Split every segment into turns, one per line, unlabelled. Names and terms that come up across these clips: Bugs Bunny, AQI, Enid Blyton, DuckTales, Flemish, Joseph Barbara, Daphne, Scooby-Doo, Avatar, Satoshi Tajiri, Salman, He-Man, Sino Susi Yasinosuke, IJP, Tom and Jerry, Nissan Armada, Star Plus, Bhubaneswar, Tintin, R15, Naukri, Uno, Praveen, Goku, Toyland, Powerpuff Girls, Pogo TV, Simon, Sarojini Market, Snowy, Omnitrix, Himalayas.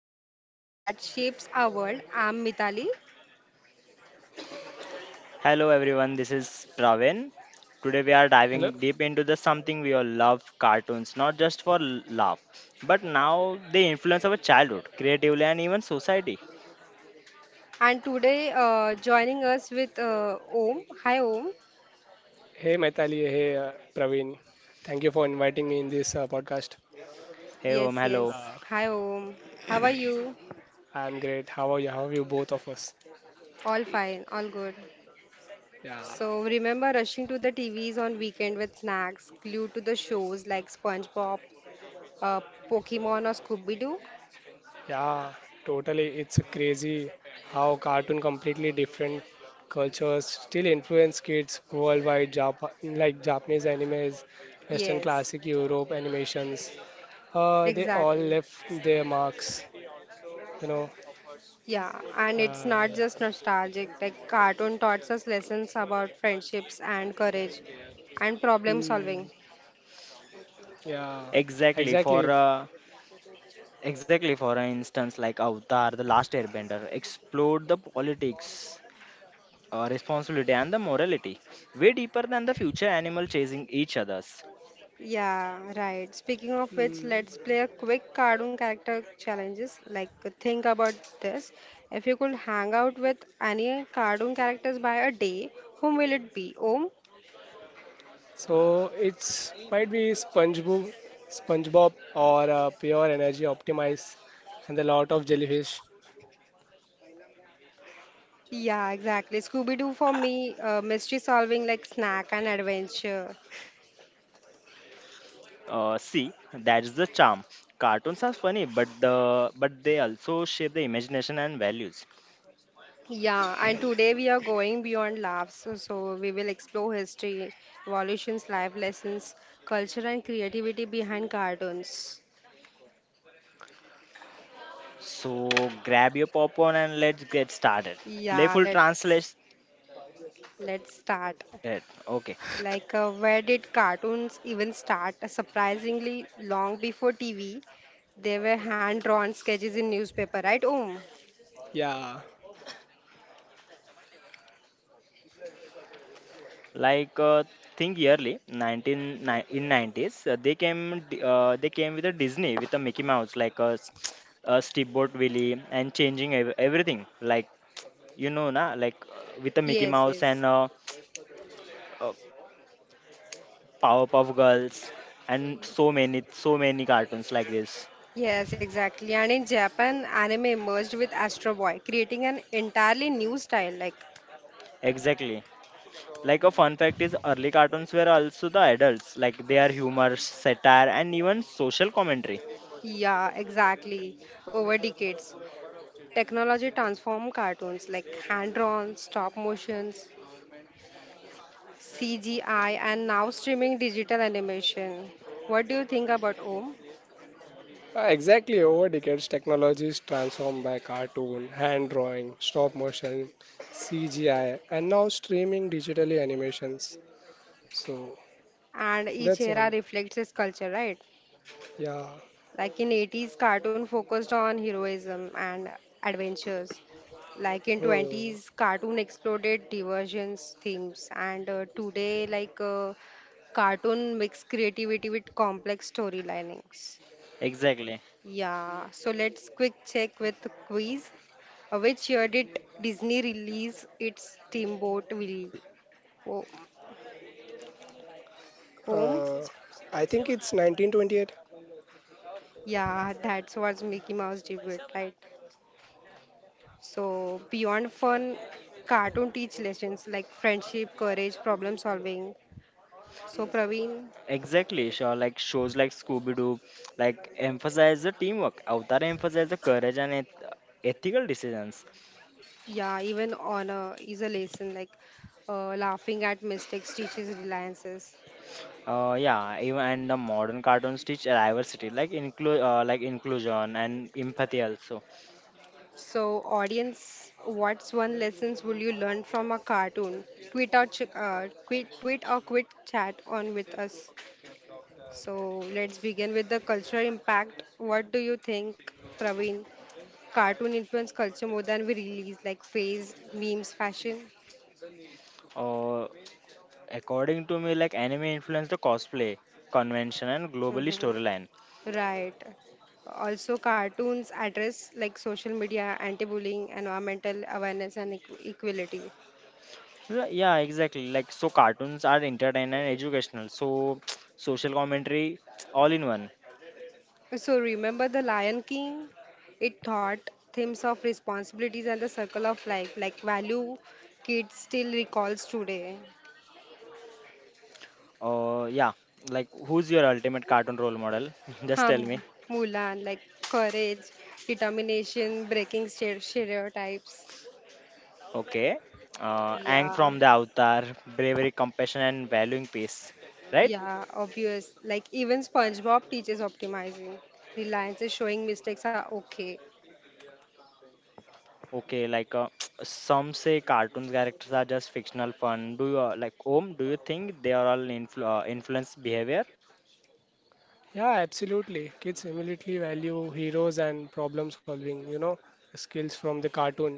Cartoon That Shapes Our World. I'm Mitali,
Hello everyone, this is Pravin. Today we are diving
Hello.
deep into the something we all love, cartoons, not just for laugh, but now they influence our childhood, creatively and even society.
and today joining us with Om. Hi Om.
Hey, Maitali. Hey, Praveen. Thank you for inviting me in this podcast.
Hey Om,
Yes,
hello.
yes.
Uh,
Hi Om. How are you?
I'm great. How are you? How are you both of us?
All fine, all good.
Yeah.
So remember rushing to the TVs on weekend with snacks, glued to the shows like SpongeBob, uh, Pokemon, or Scooby Doo?
Yeah. Totally. It's crazy how cartoon completely different cultures still influence kids worldwide. Like Japanese animes, Western
Yes,
classic Europe animations. They all
exactly.
left their marks. You know.
Yeah, and it's
Uh,
not just nostalgic. Like cartoon taught us lessons about friendships
yeah.
and courage and problem
Hmm.
solving.
Yeah,
Exactly
exactly.
for uh, exactly for an instance like Avatar, the last airbender, explored the politics, responsibility and the morality, way deeper than the future animal chasing each others.
Yeah, right. Speaking of which,
Mm.
let's play a quick cartoon character challenges. Like think about this. If you could hang out with any cartoon characters by a day, whom will it be? Om?
So it's might be SpongeBob, SpongeBob or Pure Energy Optimize, and a lot of jellyfish.
Yeah, exactly. Scooby Doo for me, mystery solving like snack and adventure.
See, that's the charm. Cartoons are funny, but they also shape the imagination and values.
Yeah, and today we are going beyond laughs. So we will explore history, evolutions, life lessons, culture, and creativity behind cartoons.
So grab your popcorn and let's get started.
Yeah,
Playful translate.
let's start.
Okay,
Like, where did cartoons even start? Surprisingly, long before TV, there were hand-drawn sketches in newspaper, right? Oh,
Yeah,
like uh, think yearly in 90s they came with a Disney with a Mickey Mouse like a Steamboat Willie and changing everything like you know na like with a Mickey
yes,
Mouse and.
yes.
Uh, uh, Powerpuff Girls, and so many cartoons like this.
Yes, exactly. And in Japan, anime emerged with Astro Boy, creating an entirely new style. Like
Exactly. Like a fun fact is, early cartoons were also the adults. Like they are humor, satire, and even social commentary.
yeah, exactly. Over decades, technology transformed cartoons like hand-drawn, stop motions, CGI, and now streaming digital animation. What do you think about Om?
Exactly. Over decades, technology is transformed by cartoon, hand drawing, stop motion, CGI, and now streaming digitally animations. So
And each
that's
era
all.
reflects its culture, right?
Yeah.
Like in 80s, cartoon focused on heroism and adventures. Like in
Hmm.
20s, cartoon exploded diversions themes, and today, cartoon mix creativity with complex storylinings.
Exactly.
Yeah, so let's quick check with the quiz. Which year did Disney release its Steamboat Willie ho- home?
Uh, I think it's 1928.
Yeah, that was Mickey Mouse debut, right? So beyond fun, cartoon teach lessons like friendship, courage, problem solving. So Praveen,
Exactly. Sure. Like shows like Scooby Doo, like emphasize the teamwork. Avatar emphasize the courage and ethical decisions.
yeah, even honor is a lesson like laughing at mistakes teaches reliances.
Yeah. Even and the modern cartoons teach diversity, like inclusion and empathy also.
So, audience, what's one lessons will you learn from a cartoon? Tweet or tweet or quick chat on with us. So, let's begin with the cultural impact. What do you think, Praveen? Cartoon influence culture more than we release, like phase, memes, fashion.
Uh, according to me, like anime influenced the cosplay convention and globally
hmm
storyline.
Right. Also, cartoons address like social media, anti-bullying, environmental awareness, and equality.
Yeah, exactly. Like so, cartoons are entertaining and educational. So, social commentary, all in one.
So remember the Lion King? It taught themes of responsibilities and the circle of life, like value kids still recalls today.
Yeah. Like, who's your ultimate cartoon role model? Just tell me.
Hum, Mulan, like courage, determination, breaking stereotypes.
Okay. Ang
Yeah,
from the Avatar, bravery, compassion, and valuing peace. Right?
yeah, obvious. Like even SpongeBob teaches optimizing. Reliance is showing mistakes are okay.
Okay. Some say cartoon characters are just fictional fun. Do you like Om? Do you think they are all influence behavior?
Yeah, absolutely. Kids immediately value heroes and problem solving, you know, skills from the cartoon.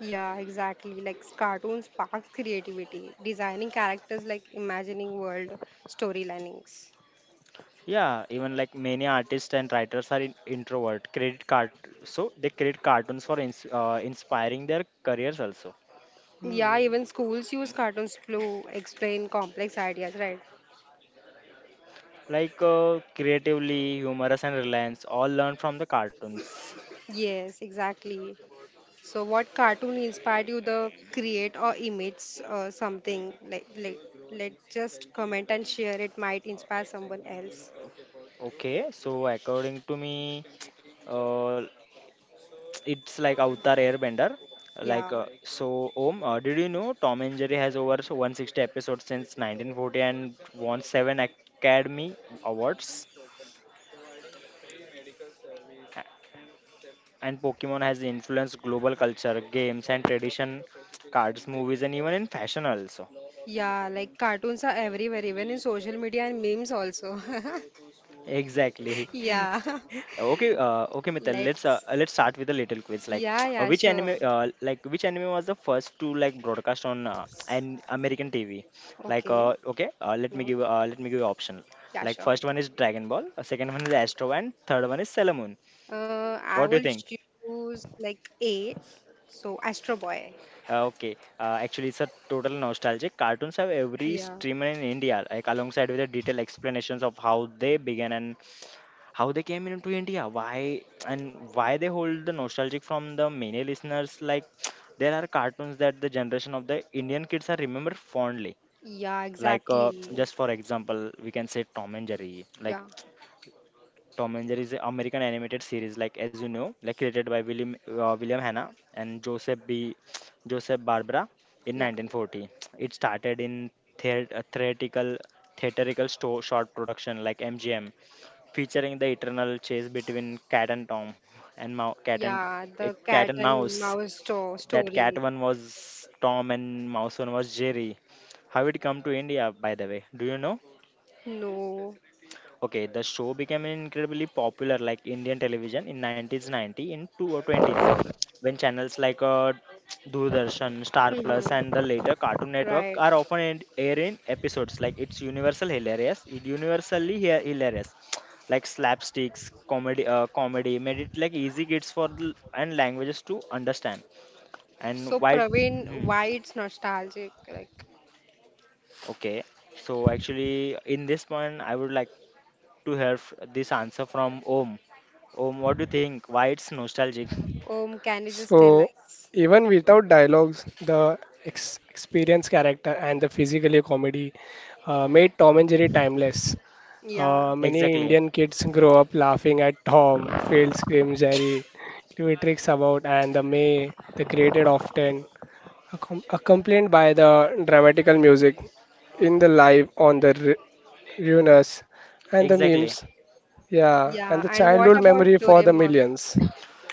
Yeah, exactly. Like cartoons sparks creativity, designing characters like imagining world storylinings.
Yeah, even like many artists and writers are in introvert. Credit card, so they create cartoons for inspiring their careers also.
Yeah,
Hmm.
even schools use cartoons to explain complex ideas, right?
Like creatively, humorous, and reliance all learn from the cartoons.
Yes, exactly. So, what cartoon inspired you to create or image something? Let just comment and share. It might inspire someone else.
Okay, so according to me, uh, it's like Avatar Airbender. Like
Yeah,
so, Om, did you know Tom and Jerry has over 160 episodes since 1940 and won seven Academy Awards? And Pokemon has influenced global culture, games and tradition, cards, movies, and even in fashion also.
yeah. Like cartoons are everywhere, even in social media and memes also.
Exactly.
Yeah.
Okay. Okay, Mithal. Let's uh,
Let's.
let's start with a little quiz. Like,
Yeah, yeah, sure.
Which anime was the first to like broadcast on an American TV? Like,
Okay.
okay. Uh, let me
Yeah,
give. Uh, let me give you option.
yeah,
Like,
sure.
first one is Dragon Ball. Second one is Astro, and third one is Sailor Moon.
I
What do you
will
think?
choose like A, so Astro Boy.
Okay, actually, it's a total nostalgic. Cartoons have every
Yeah.
streamer in India, like alongside with the detailed explanations of how they began and how they came into India, why and why they hold the nostalgic from the many listeners. Like, there are cartoons that the generation of the Indian kids are remember fondly.
Yeah,
Like,
exactly.
just for example, we can say Tom and Jerry. Like,
Yeah,
Tom and Jerry is an American animated series, like as you know, like created by William Hanna and Joseph B. Joseph Barbara in
yeah,
1940. It started in theat uh, theatrical theatrical short production like MGM, featuring the eternal chase between cat and Tom and Mou- cat and
yeah.
a
The
cat
cat
and
and
mouse.
mouse
That cat
story.
one was Tom and mouse one was Jerry. How it come to India, by the way? Do you know?
No.
Okay, the show became incredibly popular like Indian television in 1990 in two 20s when channels like Doordarshan, Star Plus
Mm-hmm.
and the later Cartoon Network
Right.
are often airing episodes like it's universal hilarious, it universally hilarious like slapsticks, comedy made it like easy kids for the, and languages to understand. And
So
why?
Praveen,
Hmm,
why it's nostalgic? Like,
okay, so actually in this point I would like to hear this answer from Om. Om, what do you think? Why it's nostalgic?
can you just tell
So,
us?
even without dialogues, the ex experienced character and the physically comedy made Tom and Jerry timeless.
Yeah,
Many
Exactly,
Indian kids grow up laughing at Tom, failed scream Jerry, clever tricks about, and the May, the created often, accompanied by the dramatical music in the live on the Ruinous and the
exactly.
memes. Yeah, and
yeah.
the
And what
childhood
about
memory for the
Doraemon?
millions.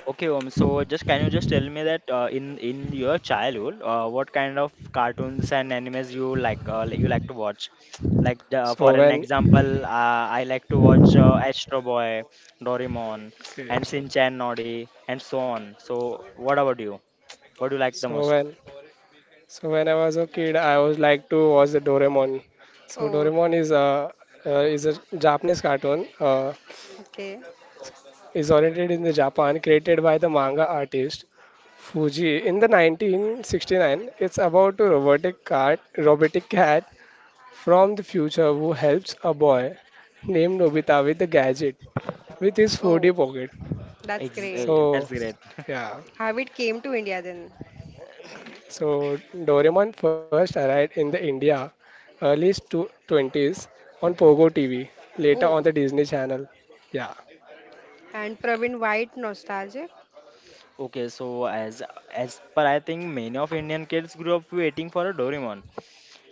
Okay, Om. So, just can you just tell me that in your childhood, what kind of cartoons and animes you like to watch? Like the,
So
for an
when,
example, I like to watch Astro Boy, Doraemon,
okay,
and Shinchan, Noddy, and so on. So, what about you? What do you like the
so
most?
when, so when I was a kid, I was like to watch the Doraemon. So
Oh,
Doraemon is a Japanese cartoon.
okay.
Is oriented in the Japan, created by the manga artist Fuji in the 1969. It's about a robotic cat from the future who helps a boy named Nobita with a gadget with his
Oh,
4D pocket.
that's
Ex-
great.
uh, that's
So,
great.
yeah.
How it came to India then?
So, Doraemon first arrived in the India early 20s on Pogo TV, later on
Oh.
the Disney Channel. Yeah.
And Praveen White nostalgic.
Okay, so as per I think many of Indian kids grew up waiting for a Doraemon.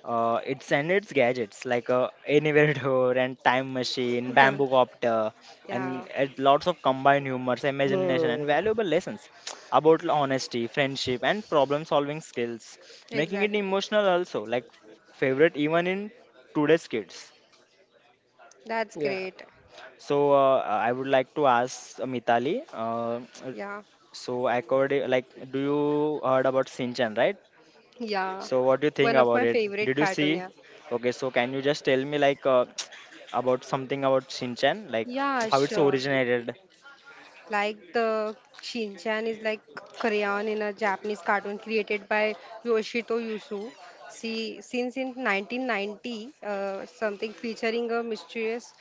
It's and its gadgets like a anywhere door and time machine, bamboo copter,
yeah,
and it, lots of combined humors, imagination,
Hmm.
and valuable lessons about honesty, friendship, and problem solving skills, making it
exactly.
emotional also like favorite even in today's kids.
That's
Yeah.
great.
So I would like to ask Mitali,
Yeah,
so according like do you heard about Sinchan, right?
yeah.
So what do you think
One of
about
my
it?
favorite
Did you
cartoon.
see?
Yeah,
Okay, so can you just tell me like about something about Shinchan, like
yeah,
how it's
sure.
originated?
Like the Shinchan is like crayon in a Japanese cartoon created by Yoshito Yusu. See, since in 1990, something featuring a mysterious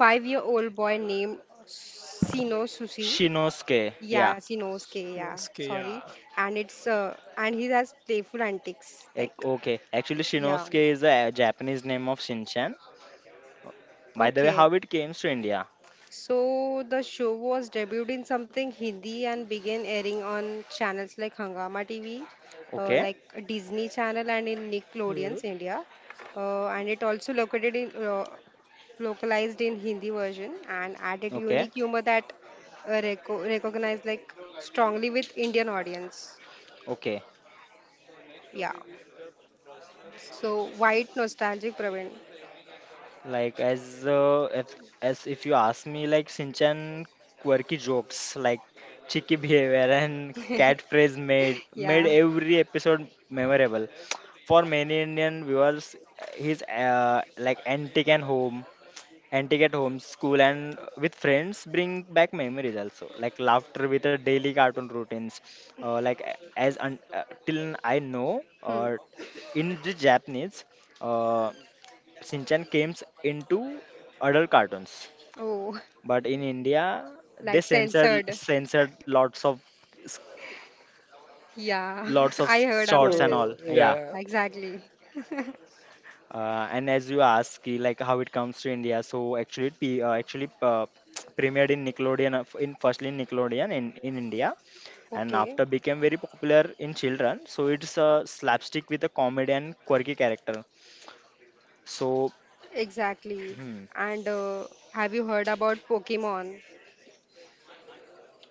five-year-old boy named Sino Susi
Shinosuke, yeah.
Yasinosuke, yeah,
उसके
sorry.
yeah.
And it's and he has playful antics
Ec-
like
Okay, actually
yeah.
Shinosuke is a Japanese name of Shinchan. By the way,
Okay.
how it came to India?
So the show was debuted in something Hindi and began airing on channels like Hangama TV,
Okay,
like Disney Channel and in
Hmm.
Nickelodeon's India. And it also located in localized in Hindi version and added
okay,
unique humor that recognized like strongly with Indian audience.
okay.
Yeah. So white nostalgic Praveen.
Like as uh, if, as if you ask me, like Shinchan quirky jokes, like cheeky behavior and cat phrase made
Yeah.
every episode memorable. For many Indian viewers, his like antique and home, antique at home, school and with friends bring back memories also. Like laughter with the daily cartoon routines, uh, like till I know,
Hmm.
or in the Japanese. Uh, Shinchan came into adult cartoons,
Oh,
but in India they
like
censored
censored.
censored s-
Yeah,
lots of
I heard about
shorts and
it.
Hmm.
all. Yeah.
Yeah.
Exactly.
And as you ask, ki, like how it comes to India, so actually premiered in Nickelodeon f- in firstly in Nickelodeon in India and
Okay,
after became very popular in children. So it's a slapstick with a comedy and quirky character. So
exactly. And have you heard about Pokemon?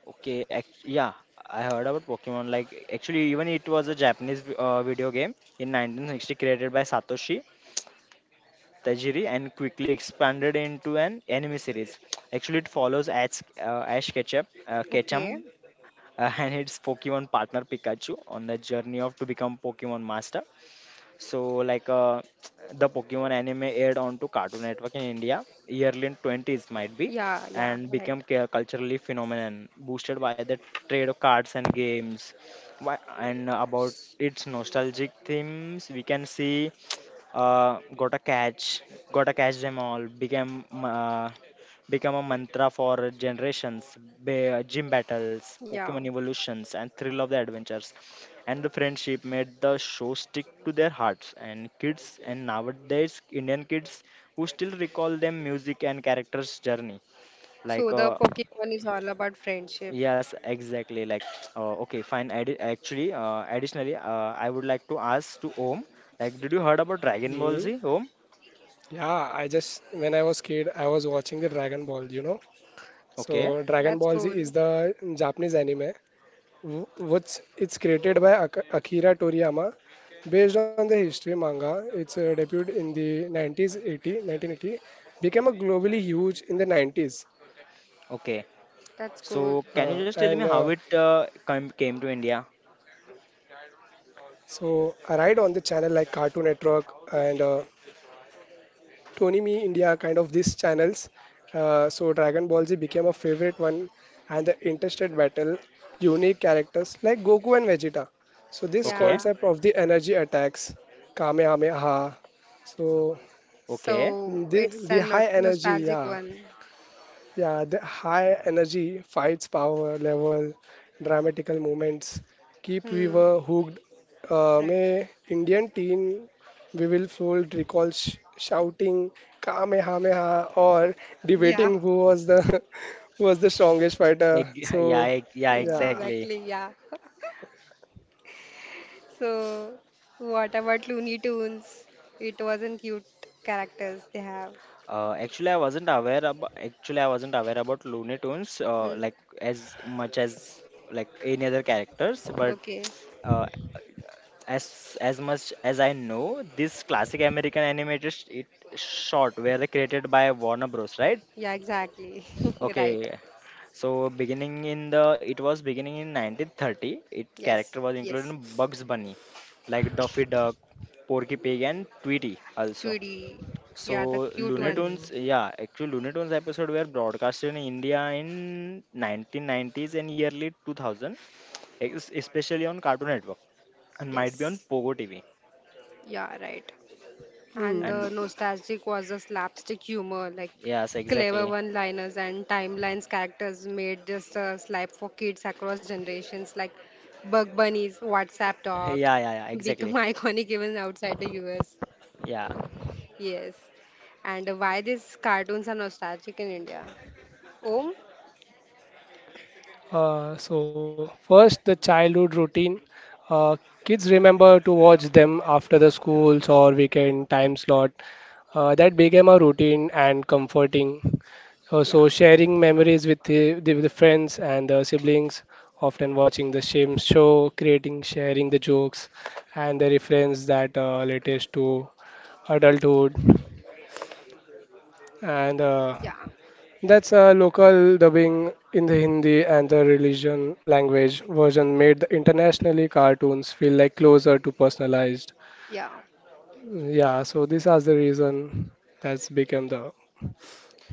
Yeah, I heard about Pokemon. Like, actually, even it was a Japanese video game in 1960 created by Satoshi Tajiri and quickly expanded into an anime series. Actually, it follows Ash
Okay.
Ketchum and its Pokemon partner Pikachu on the journey of to become Pokemon Master. So, like the Pokemon anime aired onto Cartoon Network in India, yearly in 20s might be,
Yeah, yeah,
and
right.
became culturally phenomenon, boosted by the trade of cards and games. And about its nostalgic themes, we can see uh, got a catch, got to catch them all, became become a mantra for generations. Gym battles,
Yeah.
Pokemon evolutions, and thrill of the adventures and the friendship made the show stick to their hearts. And kids, and nowadays Indian kids who still recall them music and characters' journey. Like,
So the Pokemon is all about friendship.
yes, exactly. Like, okay, fine. Additionally, I would like to ask to Om, like, did you heard about Dragon Ball
Hmm.
Z, Om?
Yeah. I just when I was kid, I was watching the Dragon Ball. You know. So
Okay,
Dragon
That's
Ball Z
cool.
is the Japanese anime, wh- which it's created by Akira Toriyama, based on the history manga. Its debut in the 90s, 80, 1980, became a globally huge in the 90s.
okay.
That's cool.
So,
And
can you just tell me how it came to India?
so arrived on the channel like Cartoon Network and Tony Me India, kind of these channels. So Dragon Ball Z became a favorite one, and the interested battle, unique characters like Goku and Vegeta. So this
Okay,
Yeah.
concept of the energy attacks, Kamehameha. So
okay.
mm,
So
the
it's
the
a no
high energy,
nostalgic
yeah,
one.
yeah, the high energy fights power level, dramatical moments keep
Hmm.
viewer hooked.
Right.
May Indian teen we will fold recall shouting Kamehameha or
Yeah.
debating who was the who was the strongest fighter. So
Yeah, ex- yeah,
Yeah,
yeah.
exactly.
exactly. Yeah. So, what about Looney Tunes? It wasn't cute characters they have.
Actually I wasn't aware about Looney Tunes
Mm.
like as much as like any other characters, but
Okay.
uh, as much as I know, this classic American animated sh- it short were created by Warner Bros. Right?
Yeah, exactly. Right.
Okay. So beginning in the it was beginning in 1930. It
Yes.
character was included
Yes.
in Bugs Bunny, like Daffy Duck, Porky Pig, and Tweety also.
2D.
So
Yeah, the cute one.
Hmm.
Lunatoons, yeah, actually Lunatoons episode were broadcasted in India in 1990s and early 2000, especially on Cartoon Network and might be on
Yes.
Pogo TV.
Yeah, right. And
And
the
Hmm.
nostalgic was a slapstick humor, like
yes,
clever
exactly.
one-liners and timelines characters made just a slap for kids across generations, like Bug Bunny's WhatsApp
Yeah,
talk
yeah, yeah,
become
exactly.
iconic even outside the US.
Yeah.
Yes. And why these cartoons are nostalgic in India? Om?
So first, the childhood routine. Uh, kids remember to watch them after the schools or weekend time slot. That became a routine and comforting.
Yeah.
So sharing memories with with the friends and the siblings, often watching the same show, creating, sharing the jokes and the reference that latest to adulthood. And
Yeah.
that's a local dubbing in the Hindi and the religion language version made the internationally cartoons feel like closer to personalized.
Yeah.
Yeah, so these are the reason that's become the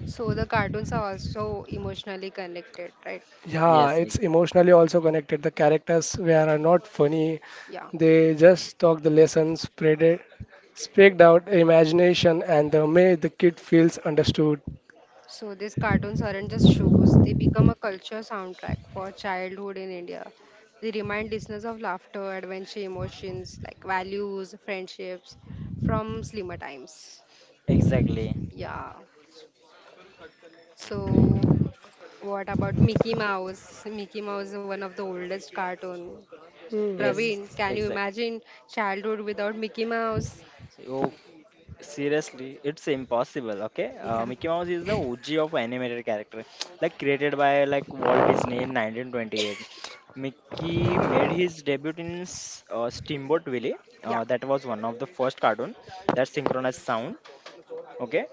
So the cartoons are also emotionally connected, right?
yeah,
Yes, e-
it's emotionally also connected. The characters were are not funny.
Yeah.
They just talk the lessons, spread it, spread out imagination and the way the kid feels understood.
So these cartoons aren't just shows, they become a culture soundtrack for childhood in India. They remind listeners of laughter, adventure, emotions like values, friendships from slimmer times.
exactly.
Yeah. So what about Mickey Mouse? Mickey Mouse is one of the oldest cartoon.
Hmm.
Yes,
Praveen, can you
exactly.
imagine childhood without Mickey Mouse?
Seriously, it's impossible. Okay,
Yeah.
Mickey Mouse is the OG of animated character, like created by like Walt Disney in 1928. Mickey made his debut in Steamboat Willie.
Yeah.
That was one of the first cartoon that synchronized sound. Okay,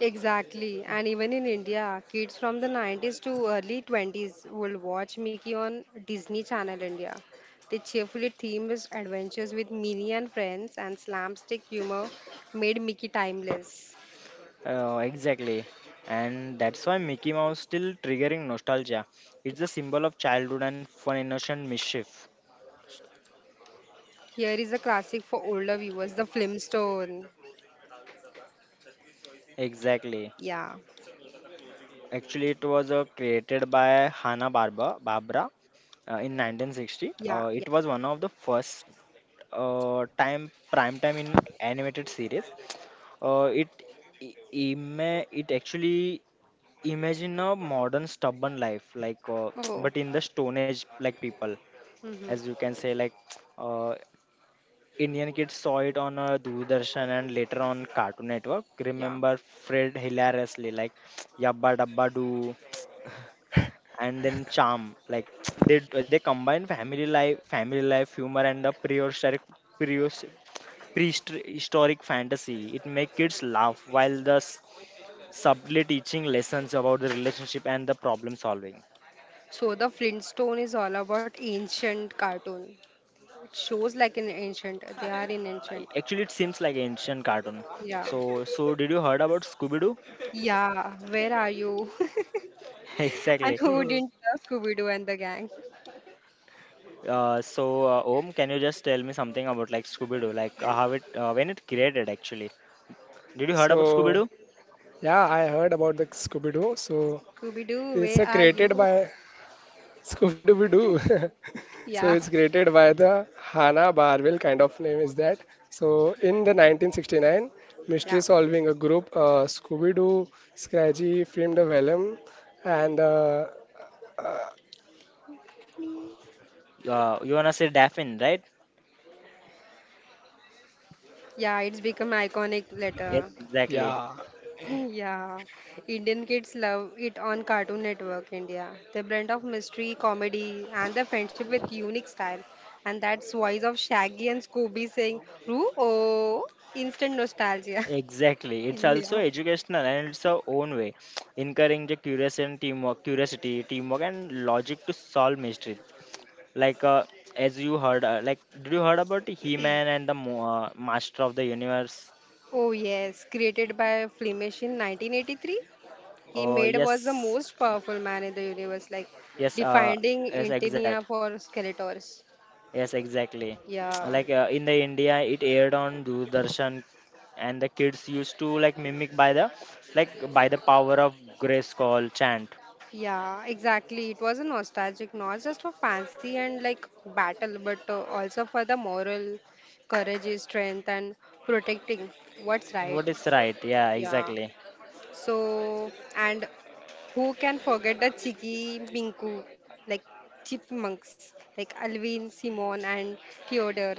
Exactly. And even in India, kids from the 90s to early 20s will watch Mickey on Disney Channel India. The cheerfully themed his adventures with Minnie and friends and slapstick humor made Mickey timeless.
exactly, and that's why Mickey Mouse still triggering nostalgia. It's a symbol of childhood and fun, innocent mischief.
Here is a classic for older viewers, The Flintstone.
Exactly.
Yeah,
Actually, it was created by Hanna Barba Barbera in 1960.
yeah,
Uh,
yeah.
it was one of the first time prime time in animated series. Uh, it it actually imagine a modern stubborn life like
Oh,
but in the stone age like people as you
mm-hmm.
can say like uh, Indian kids saw it on Doordarshan and later on Cartoon Network.
Yeah.
Remember Fred hilariously like Yabba Dabba Doo. And then charm like they combine family life humor and the prehistoric prehistoric fantasy. It makes kids laugh while subtly teaching lessons about the relationship and the problem solving.
So the Flintstone is all about ancient cartoon. It shows like an ancient. They are in ancient.
Actually it seems like ancient cartoon.
Yeah.
So did you heard about Scooby-Doo?
Yeah, where are you? And
Exactly.
who didn't love Scooby-Doo and the gang?
Om, can you just tell me something about like Scooby-Doo, like how it when it created actually? Did you heard about
So
Scooby-Doo?
yeah, I heard about the Scooby-Doo. So
Scooby-Doo,
it's
where are
created
you?
by Scooby Dooby Doo. So
Yeah,
it's created by the Hannah Barwell kind of name is that. So in the 1969 mystery
yeah,
solving a group Scooby Doo, Scratchy, filmed a vellum and uh,
You wanna say Daphne, right?
yeah, it's become iconic
Yes,
letter.
exactly.
yeah.
Yeah, Indian kids love it on Cartoon Network India. The blend of mystery, comedy, and the friendship with unique style. And that's voice of Shaggy and Scooby saying, Roo-oh, instant nostalgia.
Exactly. It's also
Yeah.
educational and it's our own way, encouraging the curious and teamwork, curiosity, teamwork, and logic to solve mysteries. Like as you heard, like did you heard about He-Man and the Master of the Universe?
Oh yes, created by Flemish in 1983. He
Oh
made was the
yes,
most powerful man in the universe, like
yes,
defining
yes,
Intinia for Skeletors.
yes, exactly.
Yeah,
Like in the India, it aired on Doordarshan, and the kids used to like mimic like by the power of grace call chant.
yeah, exactly. It was a nostalgic, not just for fancy and like battle, but also for the moral courage, strength, and protecting what's right.
What is right? Yeah,
Yeah.
exactly.
So, and who can forget the Chiki Minku, like chipmunks, like Alvin, Simon, and Theodore.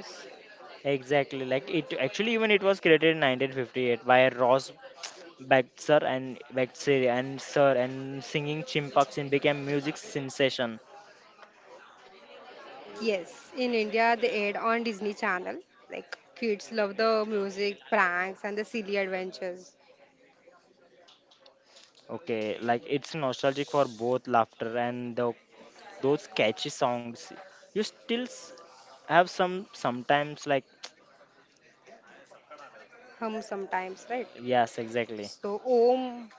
Exactly. Like it actually even it was created in 1958 by Ross Baxter and Sir and singing Chimpanzee became music sensation.
Yes, in India they aired on Disney Channel. Like kids love the music, pranks, and the silly adventures.
Okay, like it's nostalgic for both laughter and those catchy songs. You still have sometimes like
Hum sometimes, right?
yes, exactly.
So Om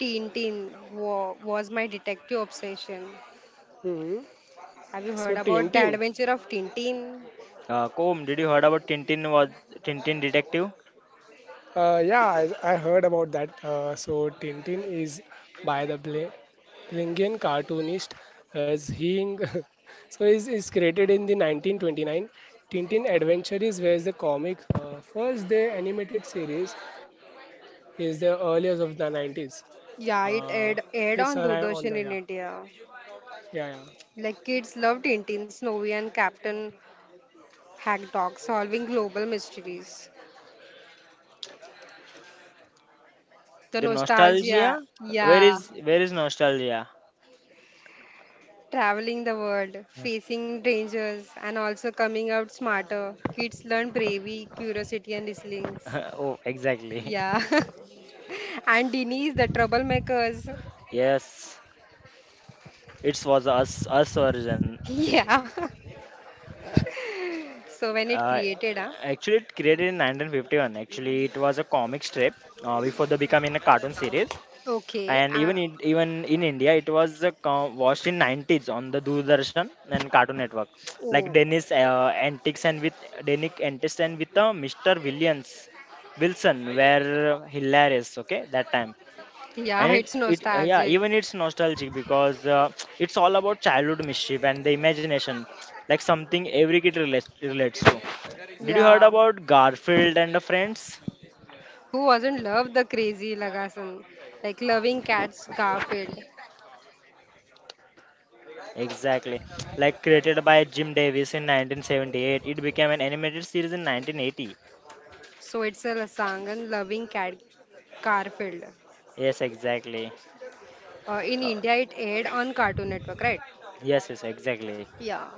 Tintin was my detective obsession.
Hmm.
Have you heard
So
about the
Tintin.
adventure of Tintin?
Kom, did you heard about Tintin? Was Tintin Detective?
Yeah, I heard about that. So Tintin is by the Belgian cartoonist as he is created in the 1929. Tintin Adventures was the comic first the animated series is the earliest of the 90s.
Yeah,
Uh, it's
aired
arrived
on
on the yeah
Doordarshan in India.
yeah yeah.
Like kids love Tintin, Snowy, and Captain Hagdog solving global mysteries. The
The
nostalgia,
nostalgia?
yeah.
Where is nostalgia?
Traveling the world, facing dangers, and also coming out smarter. Kids learn bravery, curiosity, and resilience.
Oh, exactly.
Yeah. And Denise, the troublemakers.
Yes, it was us origin.
Yeah. so when it
Uh,
created, ah,
Actually, it created in 1951. Actually, it was a comic strip before the becoming a cartoon series.
okay.
And even in India, it was watched in 90s on the Doordarshan and Cartoon Network, like
Oh,
Dennis Antics and with Mr. Williams Wilson were hilarious. Okay, that time and
yeah,
it,
it's
it yeah
nostalgic.
even it's nostalgic because it's all about childhood mischief and the imagination like something every kid relates to. Did you heard
Yeah.
about Garfield and the friends?
Who wasn't love the crazy Lagasan? Like loving cats Garfield.
Exactly, like created by Jim Davis in 1978. It became an animated series in 1980.
So it's a song and loving cat Garfield.
Yes, exactly.
In
uh,
India, it aired on Cartoon Network, right?
yes, yes, exactly.
Yeah.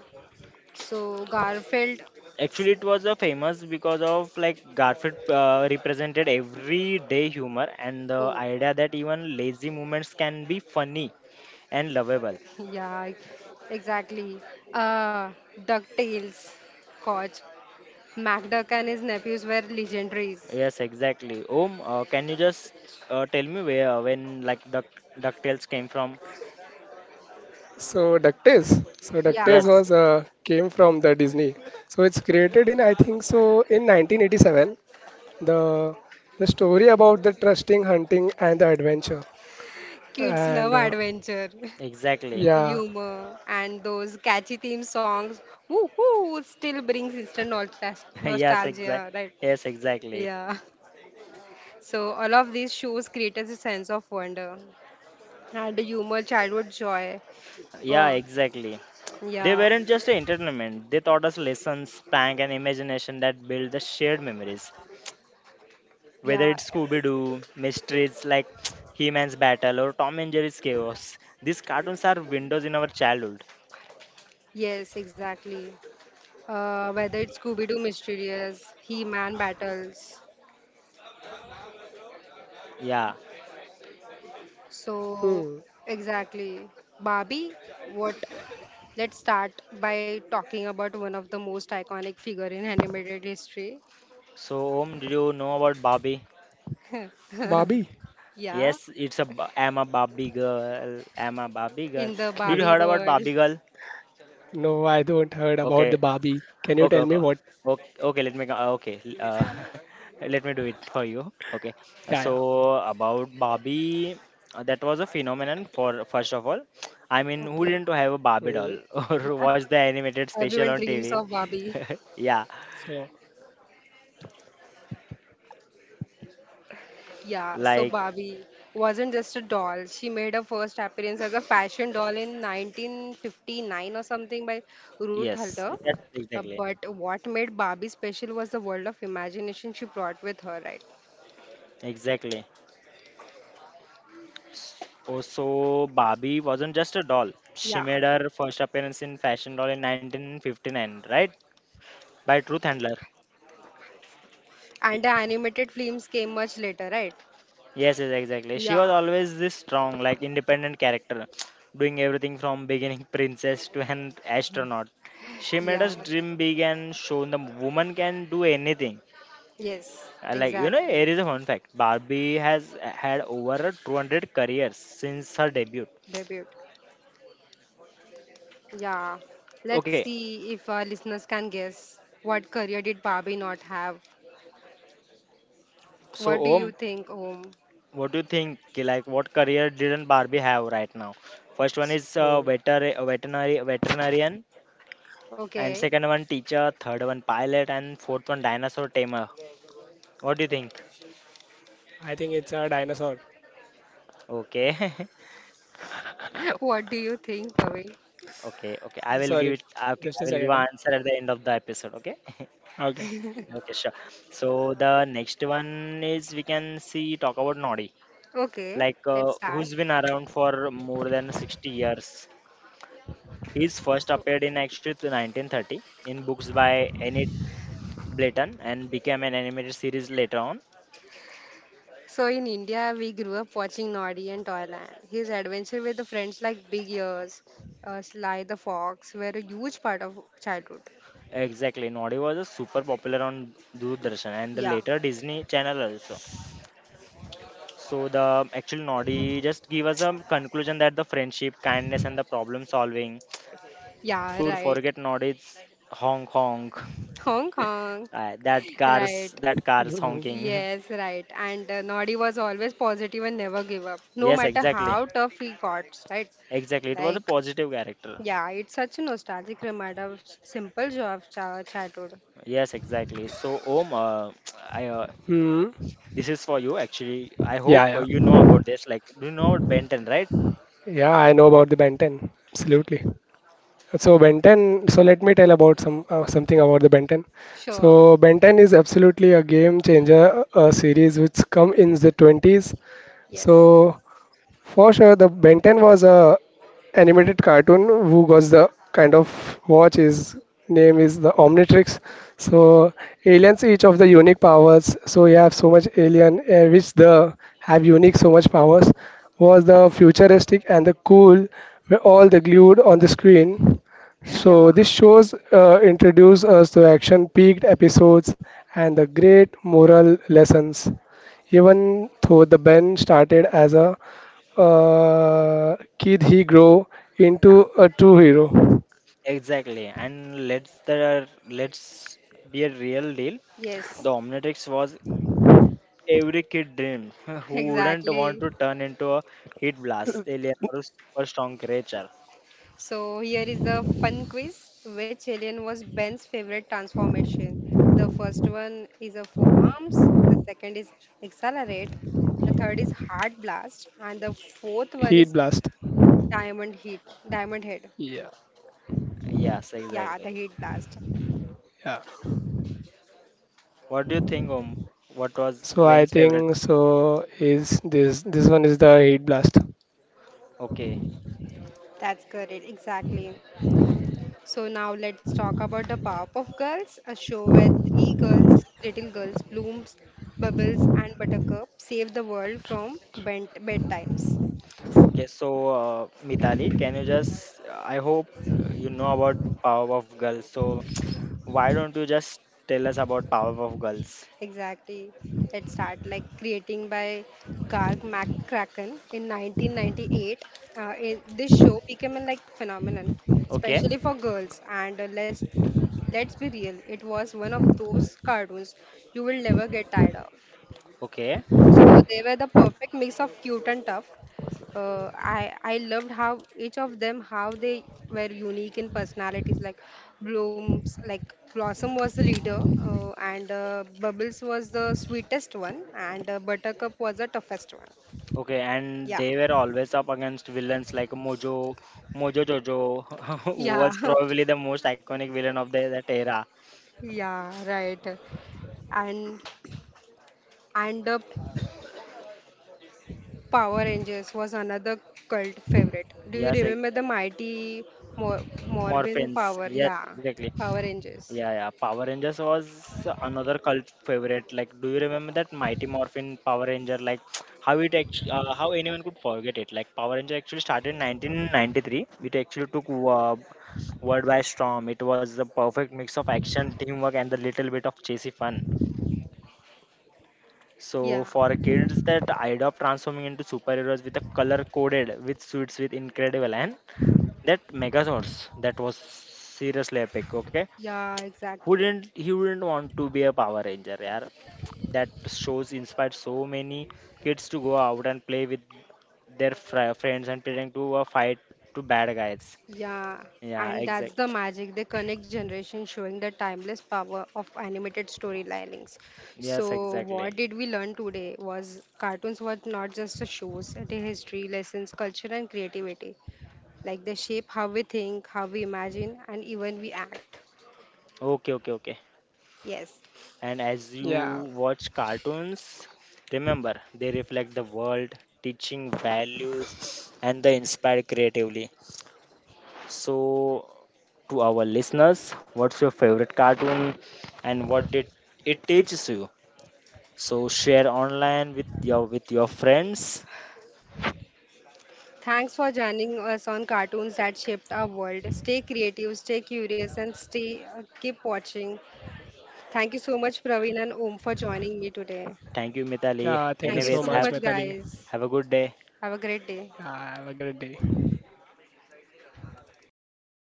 So Garfield.
Actually, it was a famous because of like Garfield represented everyday humor and the
Oh,
idea that even lazy moments can be funny and lovable.
yeah, exactly. Uh, DuckTales, Koch, MacDuck and his nephews were legendaries.
Yes, exactly. Om, can you just tell me where when like Ducktales came from?
So DuckTales. So DuckTales was
Yeah,
Yes,
came from the Disney. So it's created in I think so in 1987, the the story about the trusting hunting and the adventure
kids love
and
adventure,
exactly.
yeah.
humor, and those catchy theme songs. Woo hoo! Still brings instant
Yes, exact.
nostalgia, right?
Yes, exactly.
Yeah. So all of these shows created a sense of wonder. And humor, childhood joy.
Yeah,
Uh,
exactly. They
yeah,
weren't just entertainment. They taught us lessons, prank, and imagination that build the shared memories.
yeah,
Whether it's Scooby Doo mysteries like He Man's Battle, or Tom and Jerry's Chaos, these cartoons are windows in our childhood.
yes, exactly. Whether it's Scooby Doo Mysterious, He Man Battles.
Yeah.
Hmm.
So, exactly. Barbie, what? Let's start by talking about one of the most iconic figure in animated history.
So, Om, did you know about Barbie?
Barbie.
yeah,
Yes, it's a am a Barbie girl. I'm a Barbie girl.
in the
Did
Okay,
you
Barbie
heard about
world.
Barbie girl?
no, I don't heard about
Okay,
the Barbie. Can you
Okay,
tell me
okay,
what?
okay. Okay. Let me do it for you. Okay.
Yeah,
So
yeah.
about Barbie, that was a phenomenon. For first of all, I mean, who
Okay.
didn't have a Barbie
Hmm.
doll or watch the animated
Yeah,
special
everyone
on
dreams
TV?
of Barbie.
Yeah,
So,
Yeah, so
like
Barbie wasn't just a doll. She made her first appearance as a fashion doll in 1959 or something by Ruth
yes,
Halder.
yes,
But what made Barbie special was the world of imagination she brought with her, right?
exactly. Also, Barbie wasn't just a doll. She
Yeah.
made her first appearance in fashion doll in 1959, right? By Truth Handler.
And the animated films came much later, right?
Yes, yes, exactly. She was
Yeah.
always this strong, like independent character, doing everything from beginning princess to an astronaut. She made
Yeah.
us dream big and shown the woman can do anything.
Yes,
Like you know,
exactly.
here is a fun fact: Barbie has had over 200 careers since her debut.
Debut. Yeah. Let's
Okay,
see if our listeners can guess what career did Barbie not have?
so
What do you
Om,
think, Om?
what do you think? Ki Like, what career didn't Barbie have right now? First one is
so
veterinary veterinarian, and
Okay.
second one teacher, third one pilot, and fourth one dinosaur tamer. What do you think?
I think it's a dinosaur.
Okay.
What do you think, Pavin?
Okay. I will
Sorry,
give
just a
I will give
second.
an answer at the end of the episode, okay?
Huh? Okay.
Okay, sure. So the next one is we can see talk about Noddy.
Okay,
Like
let's start.
who's been around for more than 60 years. He's first appeared in actually 1930 in books by Enid Blyton and became an animated series later on.
So in India, we grew up watching Noddy and Toyland. His adventure with the friends like Big Ears, Sly the Fox were a huge part of childhood.
Exactly, Noddy was a super popular on Doordarshan and the
Yeah,
later Disney Channel also. So the actual Noddy just give us a conclusion that the friendship, kindness, and the problem solving
yeah,
could
right.
forget Noddy's honk honk.
Hong Kong,
That
right?
cars, that cars honking.
Yes, right. And Noddy was always positive and never give up, no
Yes,
matter how
exactly,
tough he got. Right?
exactly. It was a
Like,
positive character.
yeah, it's such a nostalgic reminder of simple joy of childhood.
Yes, exactly. So Om, I, uh,
Hmm.
this is for you actually. I hope
yeah
you
yeah
know about this. Like, do you know about Benton, right?
yeah I know about the Ben 10, absolutely. So Benton. So let me tell about some something about the Benton. So
Sure.
Benton is absolutely a game changer, a series which come in the 20s. So
Yes.
for sure, the Ben 10 was a animated cartoon who was the kind of watch. His name is the Omnitrix. So aliens each of the unique powers. So you have so much alien which the have unique so much powers, was the futuristic and the cool, were all the glued on the screen. So
Yeah.
this shows introduce us to action peaked episodes and the great moral lessons. Even though the Ben started as a kid, he grow into a true hero.
Exactly. And let's be a real deal.
Yes.
The Omnitrix was every kid dreams. Who wouldn't want
Exactly.
to turn into a heat blast alien or a super strong creature?
So here is a fun quiz. Which alien was Ben's favorite transformation? The first one is a four arms. The second is accelerate. The third is heart blast, and the fourth one
Heat
is
blast.
diamond heat. Diamond head.
Yeah,
Yes,
Yeah, the
exactly.
heat blast.
yeah.
What do you think, Om? What was
So I
Ben's favorite?
think so is this one is the heat blast.
Okay,
That's correct. Exactly. So now let's talk about the Power of Girls, a show where three girls, little girls, Blooms, Bubbles, and Buttercup save the world from bent bedtimes.
okay. So, Mitali, can you just? I hope you know about Power of Girls. So, why don't you just tell us about Power of Girls?
Exactly. Let's start like creating by Garg McCracken in 1998. This show became a like phenomenon,
Okay,
especially for girls. And let's be real, it was one of those cartoons you will never get tired of.
okay.
So they were the perfect mix of cute and tough. I loved how each of them how they were unique in personalities. Like Bloom's like Blossom was the leader, and Bubbles was the sweetest one, and Buttercup was the toughest one.
Okay, and
Yeah,
they were always up against villains like Mojo Jojo, who
yeah,
was probably the most iconic villain of that era.
yeah, right. And and the Power Rangers was another cult favorite. Do you
Yes, like
remember the mighty Morbin
Morphins.
Power?
Yes,
Yeah,
exactly.
Power Rangers.
Yeah, yeah. Power Rangers was another cult favorite. Like, do you remember that Mighty Morphin Power Ranger? Like, how it actually, how anyone could forget it? Like, Power Ranger actually started in 1993. It actually took world by storm. It was the perfect mix of action, teamwork, and the little bit of chasey fun. So
Yeah,
for kids, that idea of transforming into superheroes with a color coded with suits with incredible and that Megazords that was seriously epic. Okay,
yeah,
who
exactly.
didn't he wouldn't want to be a Power Ranger? Yeah, that shows inspired so many kids to go out and play with their friends and pretend to fight to bad guys.
Yeah,
Yeah,
and that's
exactly.
the magic. They connect generations, showing the timeless power of animated storylines.
Yes,
So, what
exactly.
did we learn today was cartoons were not just a shows, it is history, lessons, culture, and creativity. Like they shape how we think, how we imagine, and even we act.
Okay, okay, okay.
Yes.
And as you
Yeah,
watch cartoons, remember they reflect the world, teaching values, and they inspire creatively. So, to our listeners, what's your favorite cartoon and what did it teaches you? So, share online with your friends.
Thanks for joining us on cartoons that shaped our world. Stay creative, stay curious, and stay keep watching Thank you so much, Praveen and Om, for joining me today.
Thank you, Mitali.
yeah. Thank you
Thank you
so
so
Anyways,
much,
much,
Metali.
guys.
have a good day.
Have a great day.
Yeah, have a great day.